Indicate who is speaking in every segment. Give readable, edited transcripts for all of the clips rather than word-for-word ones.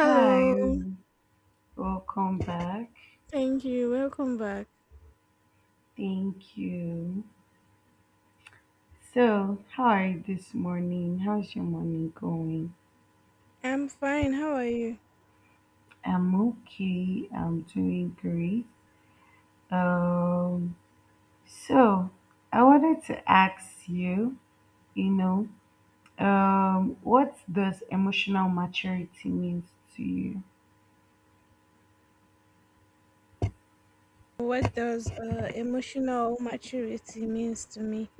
Speaker 1: Hi, welcome back.
Speaker 2: Thank you. Welcome back.
Speaker 1: Thank you. So, how are you this morning? How's your morning going?
Speaker 2: I'm fine. How are you?
Speaker 1: I'm okay. I'm doing great. Um, so I wanted to ask you, you know, what does emotional maturity means to you?
Speaker 2: What does emotional maturity means to me?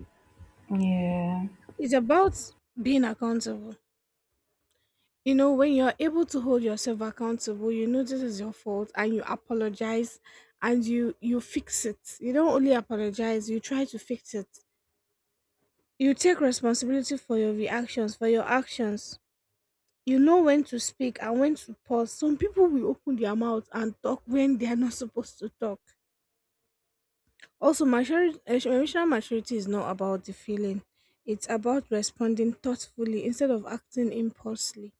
Speaker 1: Yeah,
Speaker 2: It's about being accountable. You know, when you're able to hold yourself accountable, you know this is your fault and you apologize and you fix it. You don't only apologize, you try to fix it. You take responsibility for your reactions, for your actions. You know when to speak and when to pause. Some people will open their mouth and talk when they are not supposed to talk. Also, emotional maturity is not about the feeling, it's about responding thoughtfully instead of acting impulsively.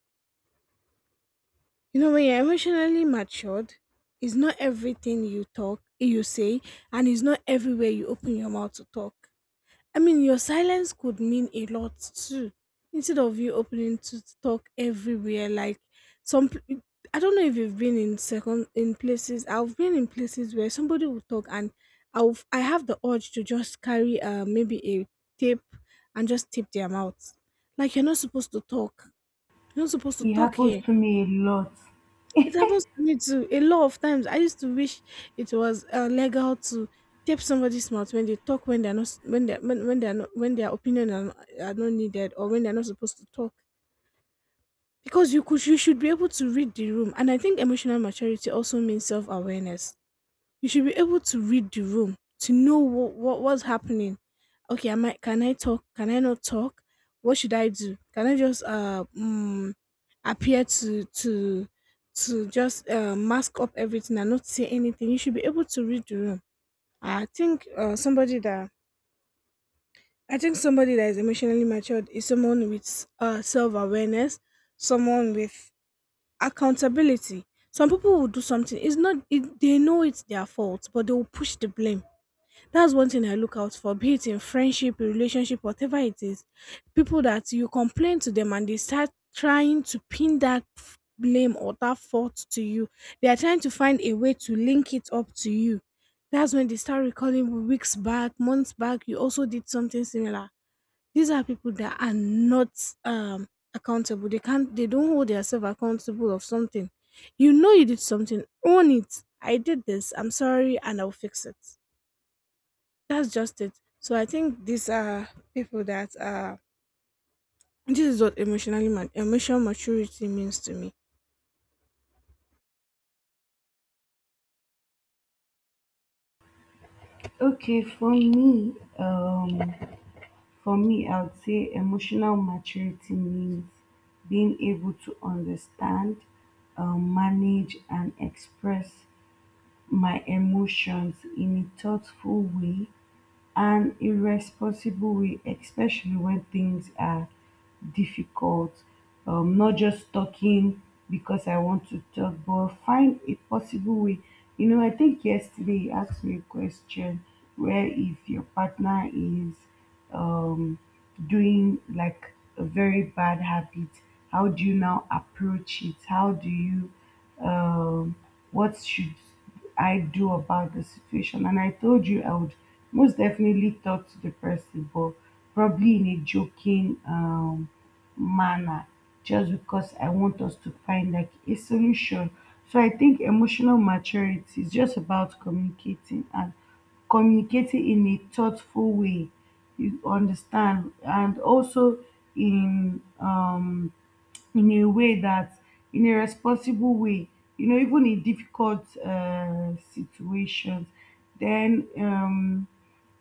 Speaker 2: You know, when you're emotionally matured, it's not everything you talk, you say, and it's not everywhere you open your mouth to talk. I mean, your silence could mean a lot too. Instead of you opening to talk everywhere, like some, I I don't know if you've been in second in places. I've been in places where somebody will talk, and I have the urge to just carry maybe a tape and just tape their mouth. Like you're not supposed to talk. You're not supposed to
Speaker 1: it
Speaker 2: talk
Speaker 1: happens
Speaker 2: here.
Speaker 1: to me a lot.
Speaker 2: It happens to me too. A lot of times, I used to wish it was legal to tape somebody's mouth when they talk when they're not when they are when they're not when their opinion are not needed or when they're not supposed to talk. Because you should be able to read the room, and I think emotional maturity also means self awareness. You should be able to read the room to know what's happening. Okay, am I can I talk? Can I not talk? What should I do? Can I just appear to just mask up everything and not say anything? You should be able to read the room. I think somebody that I think somebody that is emotionally matured is someone with self awareness, someone with accountability. Some people will do something. It's not it, they know it's their fault, but they will push the blame. That's one thing I look out for, be it in friendship, relationship, whatever it is. People that you complain to them and they start trying to pin blame or that fault to you. They are trying to find a way to link it up to you. That's when they start recalling weeks back, months back, you also did something similar. These are people that are not accountable. They don't hold themselves accountable of something. You know you did something, own it. I did this, I'm sorry, and I'll fix it. That's just it. So I think these are people that are. This is what emotional maturity means to me.
Speaker 1: Okay, um, for me, I would say emotional maturity means being able to understand, manage, and express my emotions in a thoughtful way and a responsible way, especially when things are difficult. Not just talking because I want to talk, but find a possible way. You know, I think yesterday you asked me a question where if your partner is um doing like a very bad habit, how do you now approach it, how do you um what should I do about the situation, and I told you I would most definitely talk to the person, but probably in a joking manner, just because I want us to find like a solution. So I think emotional maturity is just about communicating and communicating in a thoughtful way. You understand, and also in um in a way that in a responsible way. You know, even in difficult situations. Then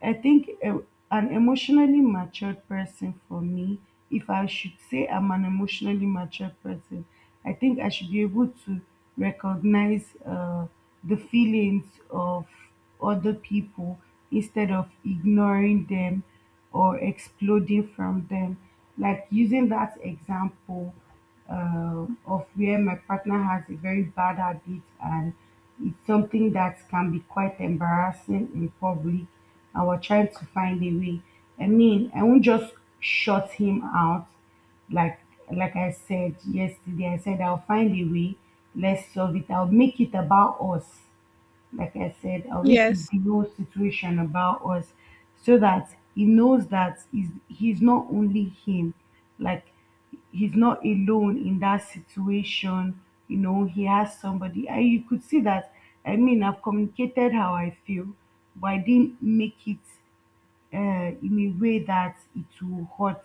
Speaker 1: I think a, an emotionally matured person for me, if I should say I'm an emotionally matured person, I think I should be able to recognize the feelings of other people instead of ignoring them or exploding from them. Like using that example of where my partner has a very bad habit and it's something that can be quite embarrassing in public and we're trying to find a way. I mean, I won't just shut him out, like like I said yesterday. I said I'll find a way. Let's solve it. I'll make it about us, like I said, I'll make it
Speaker 2: Yes.
Speaker 1: the whole situation about us, so that he knows that he's not only him, like he's not alone in that situation. You know, he has somebody. I You could see that, I mean, I've communicated how I feel, but I didn't make it uh, in a way that it will hurt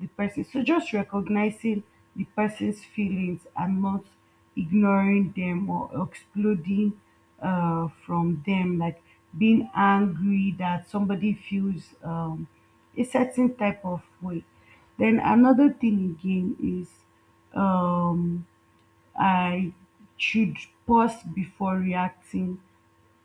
Speaker 1: the person. So just recognizing the person's feelings and not ignoring them or exploding from them, like being angry that somebody feels a certain type of way. Then another thing again is um, I should pause before reacting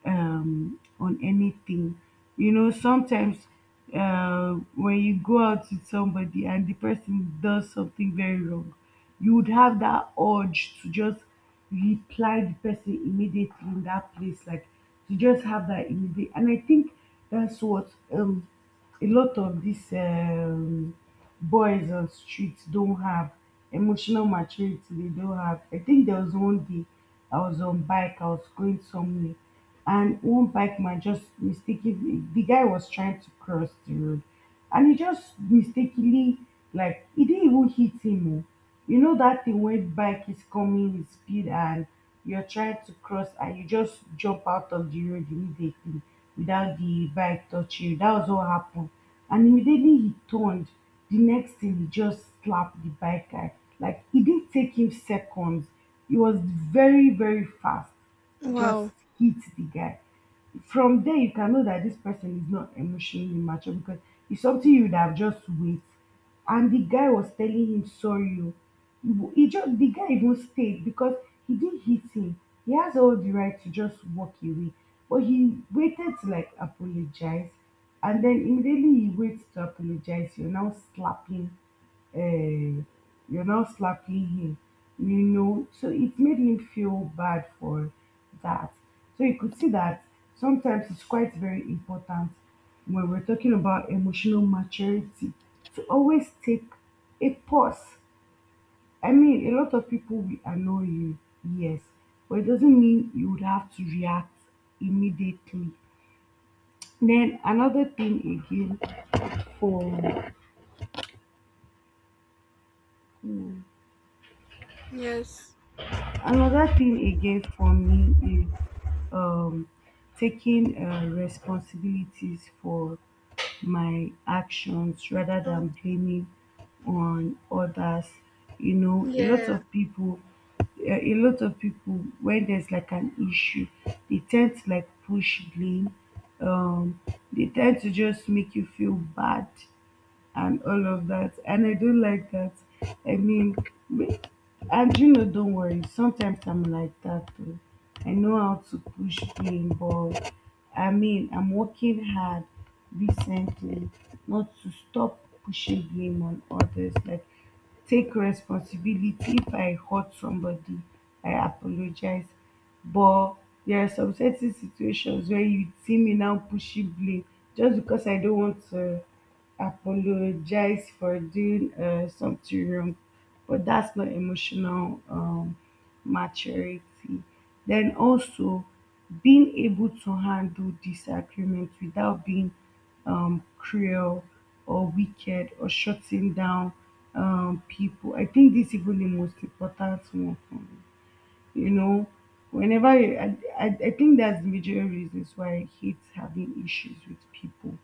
Speaker 1: on anything. You know, sometimes when you go out with somebody and the person does something very wrong, you would have that urge to just reply the person immediately in that place, like to just have that immediate. And I think that's what a lot of these boys on streets don't have. Emotional maturity, they don't have. I think there was one day I was on bike, I was going somewhere, and one bike man just mistakenly, the guy was trying to cross the road, and he just mistakenly, like he didn't even hit him, oh. You know that thing when bike is coming with speed and you're trying to cross and you just jump out of the road immediately without the bike touching you. That was what happened. And immediately he turned. The next thing, he just slapped the bike guy. Like it didn't take him seconds. He was very, very fast. He just
Speaker 2: Wow.
Speaker 1: hit the guy. From there you can know that this person is not emotionally mature, because it's something you would have just wait. And the guy was telling him sorry o, he just, the guy even stayed because he didn't hit him, he has all the right to just walk away, but he waited to like apologize. And then immediately he waits to apologize, you're now slapping, uh, you're now slapping him, you know. So it made him feel bad for that. So you could see that sometimes it's quite very important, when we're talking about emotional maturity, to always take a pause. I mean, a lot of people will annoy you, yes, but it doesn't mean you would have to react immediately. Then another thing again for
Speaker 2: Yes.
Speaker 1: Another thing again for me is, um, taking responsibilities for my actions rather
Speaker 2: Action.
Speaker 1: than blaming on others. You know, a lot
Speaker 2: Yeah.
Speaker 1: of people, a lot of people, when there's like an issue, they tend to like push blame. Um, they tend to just make you feel bad and all of that. And I don't like that. I mean, me- and you know, don't worry. Sometimes I'm like that too. I know how to push pain, but I mean, I'm working hard recently not to stop pushing blame on others. Like, take responsibility if I hurt somebody, I apologize. But there are some certain situations where you see me now pushing blame just because I don't want to apologize for doing something wrong. But that's not emotional maturity. Then also being able to handle disagreement without being cruel or wicked or shutting down people. I think this is even the most important one for me. You know, whenever you, I think that's the major reasons why I hate having issues with people,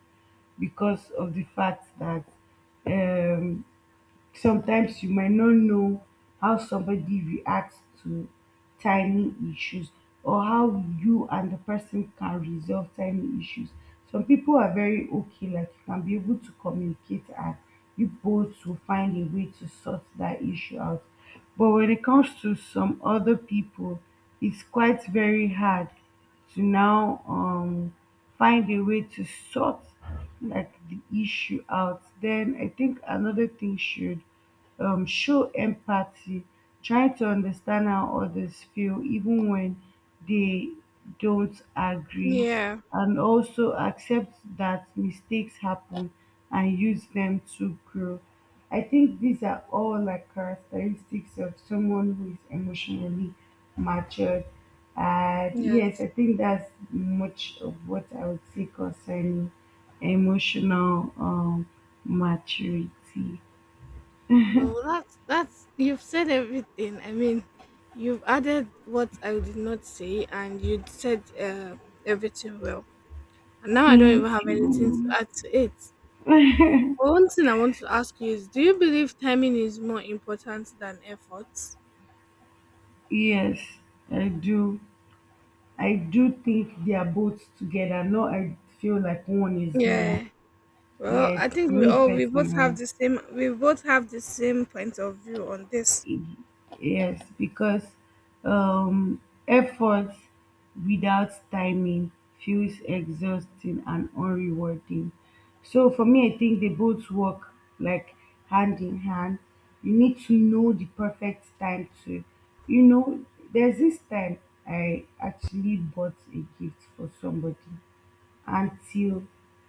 Speaker 1: because of the fact that um, sometimes you might not know how somebody reacts to tiny issues, or how you and the person can resolve tiny issues. Some people are very okay, like you can be able to communicate and you both will find a way to sort that issue out. But when it comes to some other people, it's quite very hard to now find a way to sort like the issue out. Then I think another thing should show empathy, try to understand how others feel, even when they don't agree,
Speaker 2: Yeah.
Speaker 1: and also accept that mistakes happen and use them to grow. I think these are all like characteristics of someone who is emotionally matured. And yes,
Speaker 2: Yes.
Speaker 1: I think that's much of what I would say concerning emotional maturity.
Speaker 2: Well, that's you've said everything. I mean, you've added what I did not say, and you said everything well. And now I don't
Speaker 1: Thank
Speaker 2: even have anything to
Speaker 1: you.
Speaker 2: add to it. But one thing I want to ask you is: do you believe timing is more important than effort?
Speaker 1: Yes, I do. I do think they are both together. No, I feel like one is more.
Speaker 2: Yeah. Well,
Speaker 1: Yes,
Speaker 2: I think
Speaker 1: to me personally.
Speaker 2: we both have the same point of view on this.
Speaker 1: Yes, because um, effort without timing feels exhausting and unrewarding. So for me, I think they both work like hand in hand. You need to know the perfect time to, you know, there's this time I actually bought a gift for somebody. Until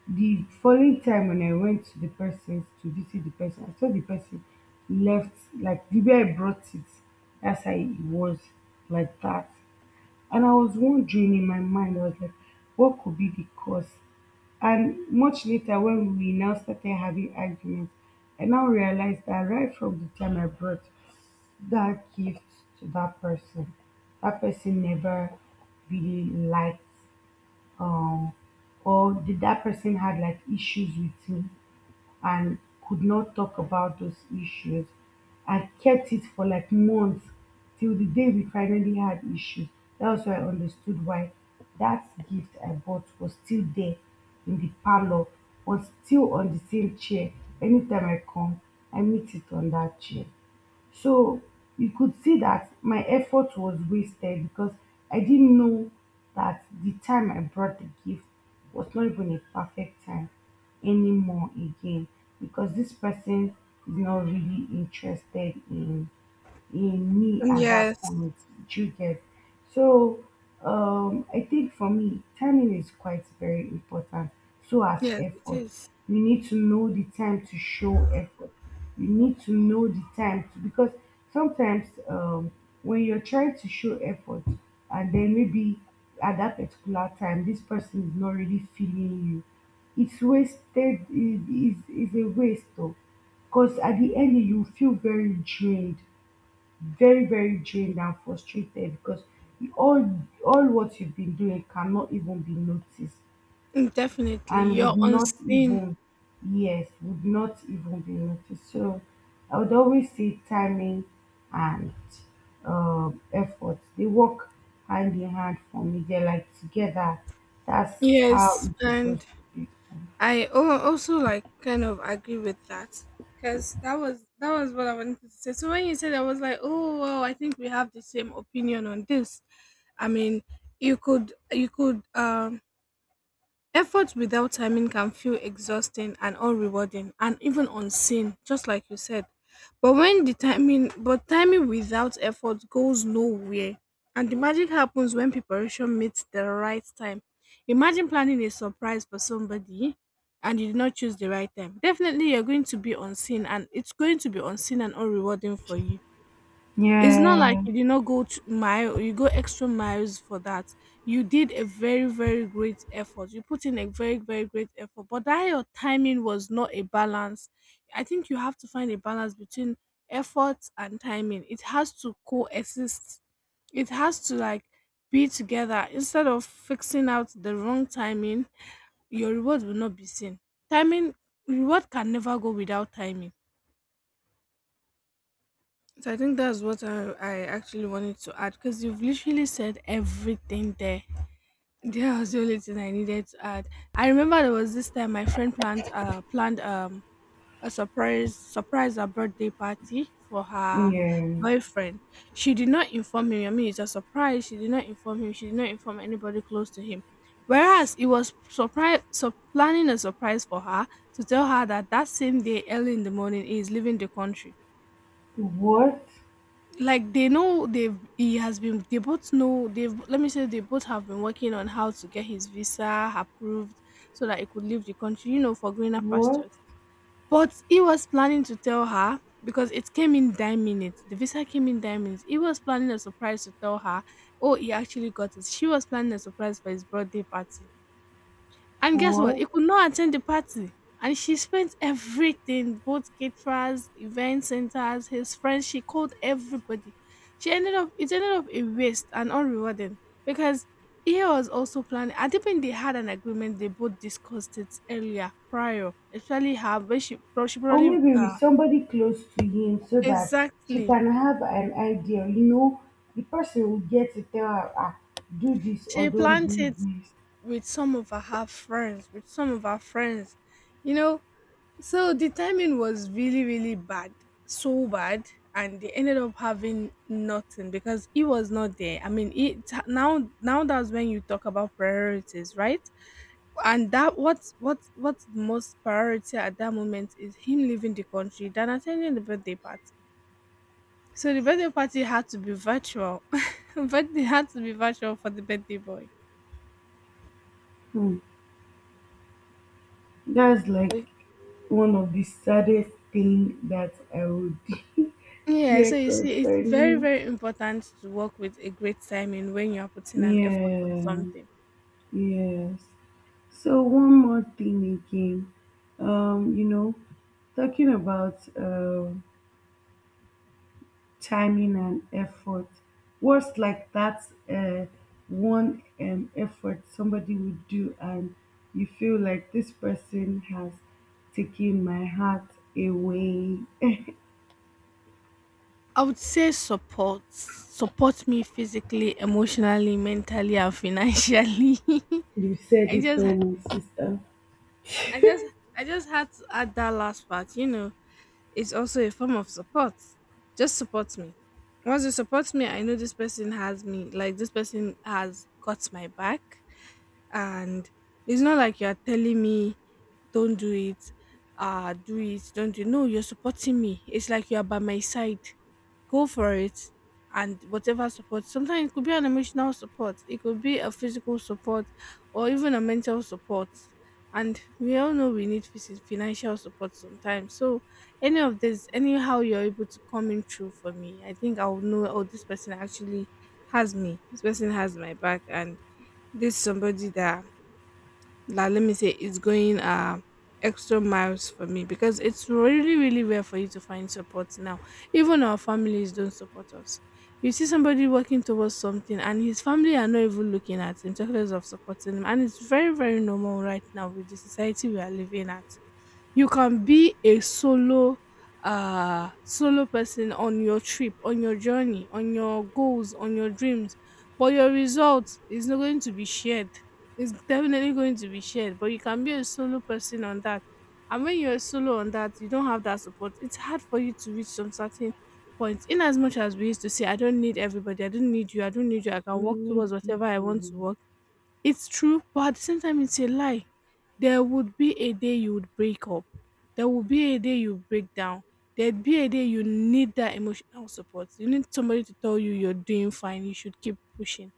Speaker 1: the following time when I went to the person to visit the person, I saw the person left like the way I brought it. That's how it was, like that. And I was wondering in my mind, I was like, what could be the cause? And much later, when we now started having arguments, I now realized that right from the time I brought that gift to that person never really liked, um or did that person had like issues with me and could not talk about those issues. I kept it for like months, till the day we finally had issues. That was why I understood why that gift I bought was still there in the parlor, was still on the same chair. Anytime I come, I meet it on that chair. So you could see that my effort was wasted, because I didn't know that the time I brought the gift was not even a perfect time anymore again, because this person is not really interested in me at that
Speaker 2: Yes,
Speaker 1: point. Do you get? So I think for me, timing is quite very important. So as
Speaker 2: yes, it
Speaker 1: effort,
Speaker 2: is
Speaker 1: you need to know the time to show effort. You need to know the time to, because sometimes when you're trying to show effort, and then maybe at that particular time, this person is not really feeling you. It's wasted. It is a waste, though, because at the end you feel very drained, very very drained and frustrated, because all what you've been doing cannot even be noticed,
Speaker 2: definitely
Speaker 1: and
Speaker 2: you're
Speaker 1: would not
Speaker 2: unseen.
Speaker 1: even, yes, would not even be noticed. So I would always say timing and effort, they work hand in hand for me, they're like together. That's how
Speaker 2: Yes,
Speaker 1: it's supposed
Speaker 2: and
Speaker 1: to be.
Speaker 2: also like kind of agree with that because that was what I wanted to say. So when you said, I was like, oh well, I think we have the same opinion on this. I mean, you could effort without timing can feel exhausting and unrewarding and even unseen, just like you said. But when the timing but timing without effort goes nowhere. And the magic happens when preparation meets the right time. Imagine planning a surprise for somebody and you did not choose the right time. Definitely you're going to be unseen and it's going to be unseen and unrewarding for you. It's not like
Speaker 1: Yeah,
Speaker 2: you did not go to mile, you go extra miles for that. You did a very, very great effort. You put in a very, very great effort, but that your timing was not a balance. I think you have to find a balance between effort and timing. It has to coexist. It has to like be together instead of fixing out the wrong timing. Your reward will not be seen. Timing reward can never go without timing. So I think that's what I actually wanted to add because you've literally said everything there. There was the only thing I needed to add. I remember there was this time my friend planned a surprise surprise a birthday party for her
Speaker 1: yeah.
Speaker 2: boyfriend. She did not inform him. I mean it's a surprise. She did not inform him. She did not inform anybody close to him. Whereas it was surprise so planning a surprise for her to tell her that same day early in the morning he is leaving the country.
Speaker 1: what
Speaker 2: They both know they've let me say they both have been working on how to get his visa approved so that he could leave the country, you know, for greener
Speaker 1: what
Speaker 2: pastures. But he was planning to tell her because it came in 9 minutes. The visa came in 9 minutes. He was planning a surprise to tell her, oh, he actually got it. She was planning a surprise for his birthday party. And guess what?
Speaker 1: what
Speaker 2: He could not attend the party. And she spent everything, both caterers, event centers, his friends, she called everybody. She ended up it ended up a waste and unrewarding because he was also planning. I think they had an agreement, they both discussed it earlier prior. Especially her when she
Speaker 1: Or
Speaker 2: probably
Speaker 1: maybe with somebody close to him, so that she
Speaker 2: exactly.
Speaker 1: can have an idea. You know, the person will get to tell her, ah, do this or
Speaker 2: She
Speaker 1: don't
Speaker 2: planned
Speaker 1: do
Speaker 2: it
Speaker 1: this.
Speaker 2: with some of her friends, with some of her friends. You know, so the timing was really, really bad, so bad, and they ended up having nothing because he was not there. I mean, it now now that's when you talk about priorities, right? And that what's the most priority at that moment is him leaving the country than attending the birthday party. So the birthday party had to be virtual, but they had to be virtual for the birthday boy.
Speaker 1: Hmm. That's like
Speaker 2: Okay.
Speaker 1: one of the saddest thing that I would
Speaker 2: Yeah,
Speaker 1: hear
Speaker 2: so you see, it's very,
Speaker 1: concerning.
Speaker 2: very important to work with a great timing when you are putting an effort on
Speaker 1: Yeah,
Speaker 2: something.
Speaker 1: yes. So one more thing again. You know, talking about timing and effort. Words like that, uh, one effort somebody would do, and you feel like this person has taken my heart away.
Speaker 2: I would say support. Support me physically, emotionally, mentally, and financially.
Speaker 1: You said
Speaker 2: I
Speaker 1: it
Speaker 2: just
Speaker 1: all, my sister.
Speaker 2: I just I just had to add that last part, you know. It's also a form of support. Just support me. Once you support me, I know this person has me, like this person has got my back, and it's not like you're telling me don't do it, do it, don't do it. No, you're supporting me, it's like you're by my side, go for it. And whatever support, sometimes it could be an emotional support, it could be a physical support, or even a mental support. And we all know we need financial support sometimes. So any of this, anyhow you're able to come in through for me, I think I'll know, oh, this person actually has me, this person has my back, and this somebody that, like, let me say it's going extra miles for me, because it's really, really rare for you to find support now. Even our families don't support us. You see somebody working towards something and his family are not even looking at him, talking less of supporting him. And it's very, very normal right now with the society we are living at. You can be a solo solo person on your trip, on your journey, on your goals, on your dreams, but your result is not going to be shared. It's definitely going to be shared, but you can be a solo person on that. And when you're solo on that, you don't have that support. It's hard for you to reach some certain point. In as much as we used to say, "I don't need everybody, I don't need you, I don't need you, I can
Speaker 1: We
Speaker 2: walk towards
Speaker 1: need
Speaker 2: whatever I want
Speaker 1: people.
Speaker 2: to walk." It's true, but at the same time, it's a lie. There would be a day you would break up. There would be a day you break down. There'd be a day you need that emotional support. You need somebody to tell you you're doing fine. You should keep pushing.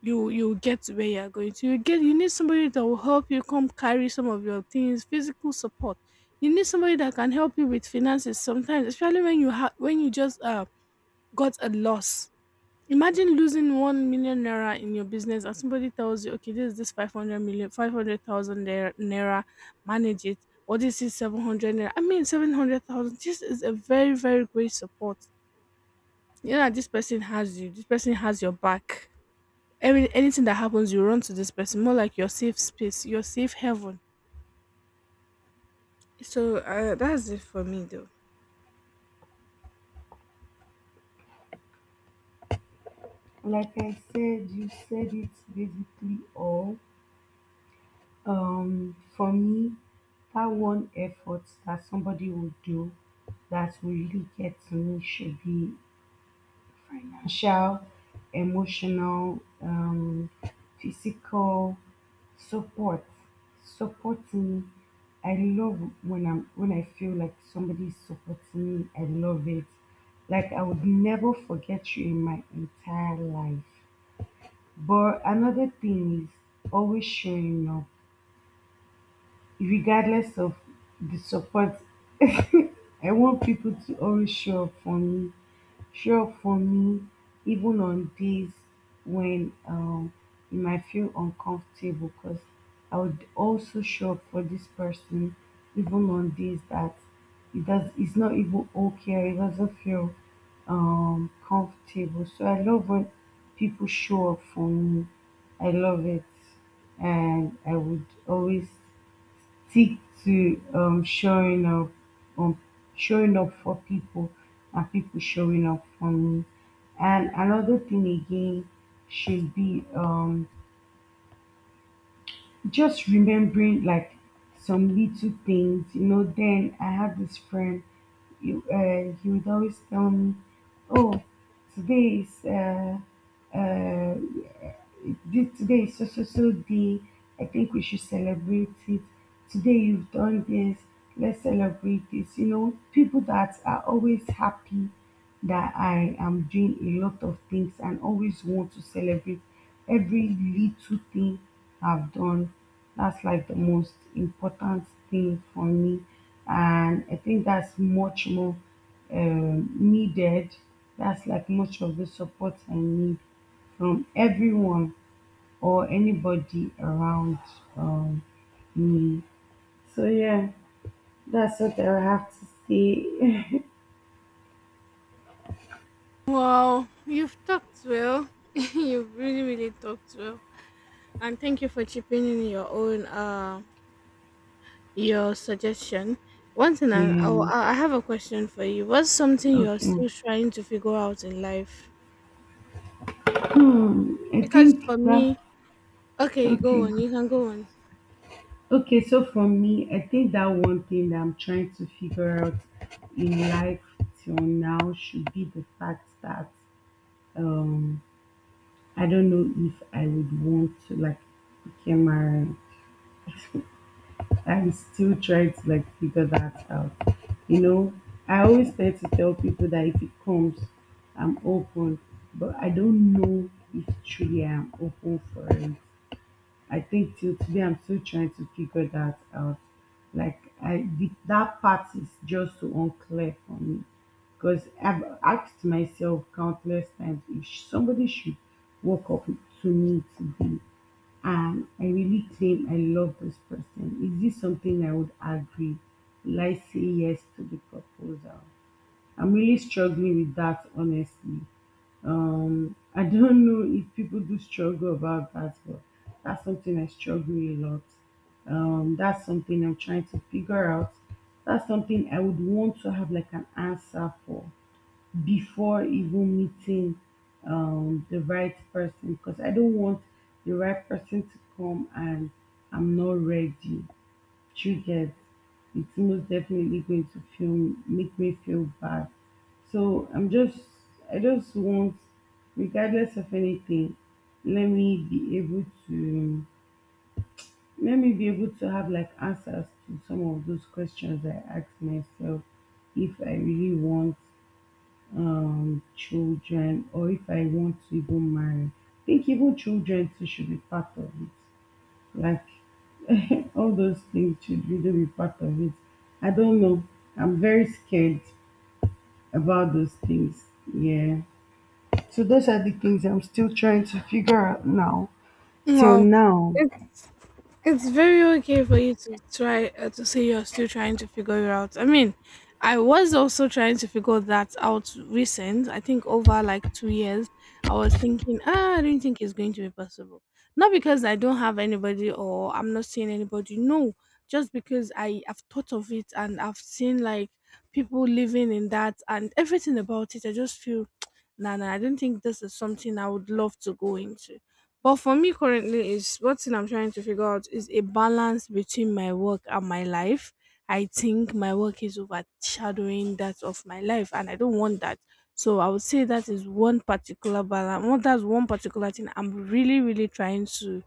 Speaker 2: You get to where you're going to. You need somebody that will help you come carry some of your things, physical support. You need somebody that can help you with finances sometimes, especially when you just got a loss. Imagine losing 1 million naira in your business and somebody tells you, okay, this is this five hundred million five hundred thousand naira, manage it, or this is 700 naira. I mean, 700,000. This is a very, very great support. You know that this person has you, this person has your back. Anything that happens, you run to this person, more like your safe space, your safe heaven. That's it for me, though.
Speaker 1: Like I said, you said it basically all. For me, that one effort that somebody would do that will really get to me should be financial, emotional, physical support, supporting. I love when I feel like somebody is supporting me. I love it. Like I would never forget you in my entire life. But another thing is always showing up, regardless of the support. I want people to always show up for me, show up for me, even on days when, you might feel uncomfortable, because I would also show up for this person, even on days that it's not even okay, or it doesn't feel comfortable. So I love when people show up for me. I love it, and I would always stick to um, showing up for people and people showing up for me. And another thing again should be, just remembering like some little things, you know. Then I had this friend, he would always tell me, "Oh, today is uh, today is so so so day. I think we should celebrate it. Today you've done this. Let's celebrate this." You know, people that are always happy that I am doing a lot of things and always want to celebrate. Every little thing I've done, that's like the most important thing for me. And I think that's much more needed. That's like much of the support I need from everyone or anybody around um, me. So, yeah, that's what I have to say.
Speaker 2: Wow, you've talked well. You've really, really talked well. And thank you for chipping in your own. Your suggestion. One thing
Speaker 1: Yeah,
Speaker 2: I have a question for you. What's something you're
Speaker 1: okay.
Speaker 2: still trying to figure out in life?
Speaker 1: Hmm, I
Speaker 2: Because
Speaker 1: think
Speaker 2: for
Speaker 1: that,
Speaker 2: me, okay, go
Speaker 1: okay.
Speaker 2: on. You can go on.
Speaker 1: Okay, so for me, I think that one thing that I'm trying to figure out in life till now should be the fact that um I don't know if I would want to like become married. I'm still trying to like figure that out. You know, I always tend to tell people that if it comes, I'm open, but I don't know if truly I'm open for it. I think till today I'm still trying to figure that out. Like that part is just so unclear for me because I've asked myself countless times if somebody should walk up to me today and I really claim I love this person. Is this something I would agree? Will I say yes to the proposal? I'm really struggling with that honestly. I don't know if people do struggle about that, but that's something I struggle a lot. That's something I'm trying to figure out. That's something I would want to have like an answer for before even meeting, the right person because I don't want the right person to come and I'm not ready, you get, it's most definitely going to feel make me feel bad, so I just want, regardless of anything, let me be able to, let me be able to have like answers to some of those questions I ask myself, if I really want children or if I want to even marry. I think even children too should be part of it, like, all those things should really be part of it. I don't know. I'm very scared about those things. Yeah. So those are the things I'm still trying to figure out now. Till
Speaker 2: Wow,
Speaker 1: now,
Speaker 2: it's very okay for you to try to say you're still trying to figure it out. I mean, I was also trying to figure that out recent. I think over like 2 years, I was thinking, ah, I don't think it's going to be possible. Not because I don't have anybody or I'm not seeing anybody. No, just because I have thought of it and I've seen like people living in that and everything about it. I just feel, nah, nah. I don't think this is something I would love to go into. But for me currently is what thing I'm trying to figure out is a balance between my work and my life. I think my work is overshadowing that of my life and I don't want that. So I would say that is one particular balance. Well, that's one particular thing I'm really, really trying to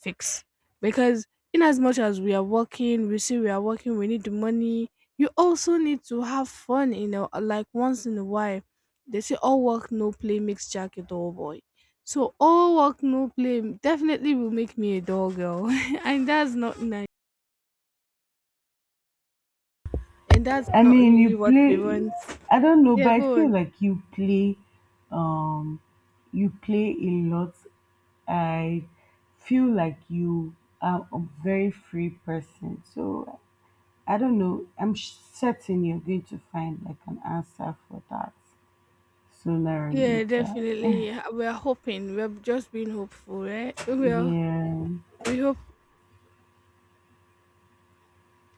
Speaker 2: fix. Because in as much as we are working, we say we are working, we need the money. You also need to have fun, you know, like once in a while. They say all work, no play makes Jack a dull boy, so all work no play definitely will make me a dull girl, and that's not nice. And that's
Speaker 1: I
Speaker 2: not
Speaker 1: mean,
Speaker 2: really
Speaker 1: you
Speaker 2: what we
Speaker 1: play.
Speaker 2: want.
Speaker 1: I don't know,
Speaker 2: Yeah,
Speaker 1: but I
Speaker 2: go
Speaker 1: feel
Speaker 2: on.
Speaker 1: like you play. Um, you play a lot. I feel like you are a very free person. So I don't know. Certain you're going to find like an answer for that sooner or
Speaker 2: Yeah,
Speaker 1: later.
Speaker 2: definitely. We're hoping. We're just being hopeful, right? We are.
Speaker 1: Yeah,
Speaker 2: We hope.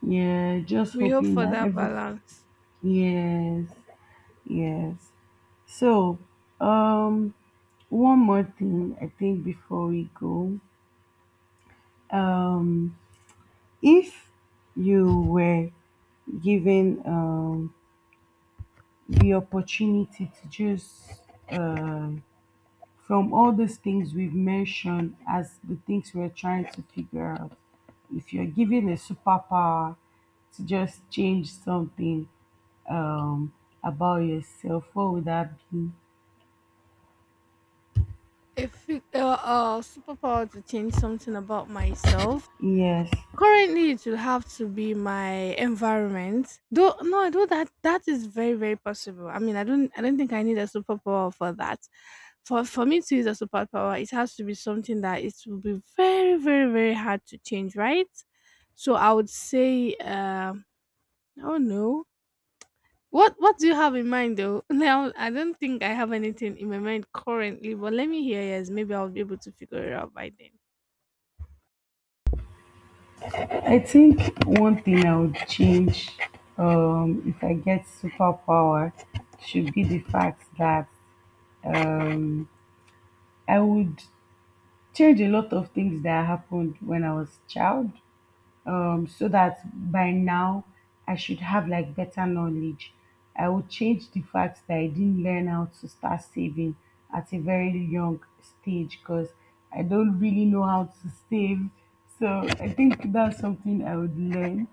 Speaker 1: yeah. Just
Speaker 2: We hope
Speaker 1: hoping
Speaker 2: for
Speaker 1: that
Speaker 2: that
Speaker 1: every
Speaker 2: balance.
Speaker 1: yes, yes. So, um, one more thing I think before we go. Um, if you were given the opportunity to just um from all those things we've mentioned as the things we're trying to figure out, if you're given a superpower to just change something um, about yourself, what would that be?
Speaker 2: If superpower to change something about myself,
Speaker 1: Yes,
Speaker 2: currently, it will have to be my environment. Though no, I though that that is very very possible. I mean, I don't think I need a superpower for that. For me to use a superpower, it has to be something that it will be very very very hard to change, right? So I would say, I don't know. What do you have in mind though? Now I don't think I have anything in my mind currently, but let me hear yours. Maybe I'll be able to figure it out by then.
Speaker 1: I think one thing I would change, if I get superpower should be the fact that um, I would change a lot of things that happened when I was a child, so that by now I should have like better knowledge. I would change the fact that I didn't learn how to start saving at a very young stage because I don't really know how to save. So I think that's something I would learn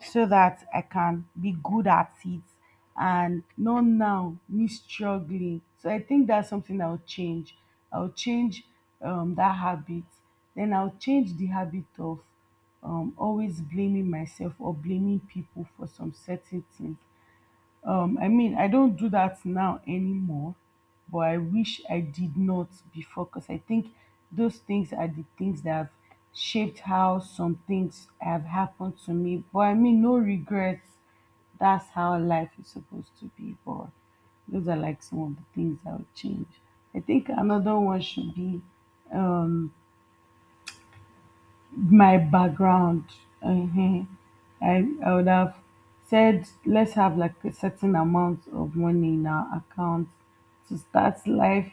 Speaker 1: so that I can be good at it and not now me struggling. So I think that's something I'll change. I'll change, that habit. Then I'll change the habit of, always blaming myself or blaming people for some certain things. I mean, I don't do that now anymore, but I wish I did not before because I think those things are the things that have shaped how some things have happened to me. But I mean, no regrets. That's how life is supposed to be. But those are like some of the things I would change. I think another one should be my background, uh I would have said, let's have like a certain amount of money in our account to start life.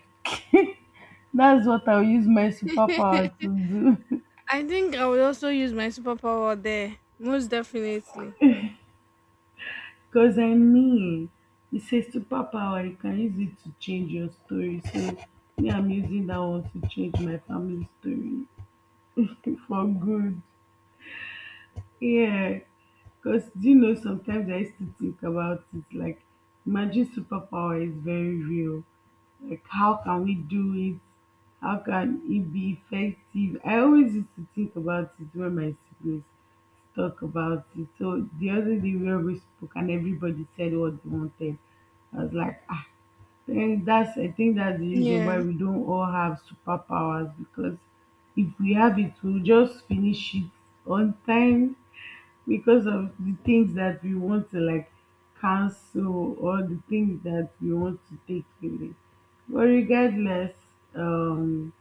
Speaker 1: That's what I'll use my superpower to do.
Speaker 2: I think I would also use my superpower there, most definitely.
Speaker 1: Because I mean, it's a superpower, you can use it to change your story. So, me, I'm using that one to change my family story for good. Yeah, because do you know sometimes I used to think about it like magic superpower is very real. Like how can we do it? How can it be effective? I always used to think about it when my siblings talk about it. So the other day where we spoke and everybody said what they wanted. I was like, ah, then that's I think that's the reason why
Speaker 2: Yeah,
Speaker 1: we don't all have superpowers because if we have it we'll just finish it on time because of the things that we want to like cancel or the things that we want to take away. But regardless, um,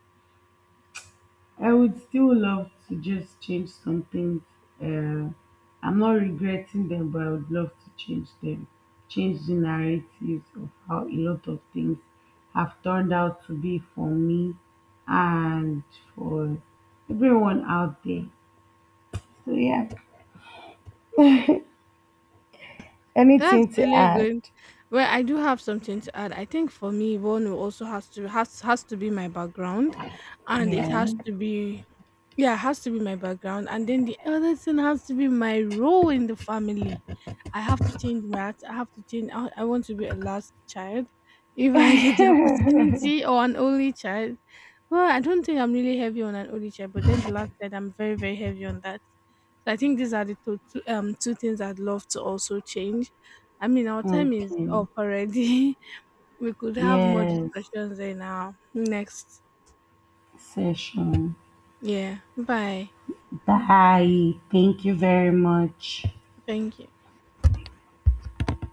Speaker 1: I would still love to just change some things. Uh, I'm not regretting them, but I would love to change them, change the narratives of how a lot of things have turned out to be for me and for everyone out there. So, yeah,
Speaker 2: that's
Speaker 1: anything to
Speaker 2: really
Speaker 1: add?
Speaker 2: good. Well, I do have something to add. I think for me, one will also has to be my background, and it has
Speaker 1: Yeah.
Speaker 2: to be. Yeah, it has to be my background. And then the other thing has to be my role in the family. I have to change. I want to be a last child if I get the opportunity or an only child. Well, I don't think I'm really heavy on an only child, but then the last child, I'm very, very heavy on that. So I think these are the two things I'd love to also change. I mean, our time is
Speaker 1: Okay.
Speaker 2: up already. We could have more
Speaker 1: Yes.
Speaker 2: discussions in our next.
Speaker 1: Session.
Speaker 2: Yeah. Bye.
Speaker 1: Bye. Thank you very much.
Speaker 2: Thank you.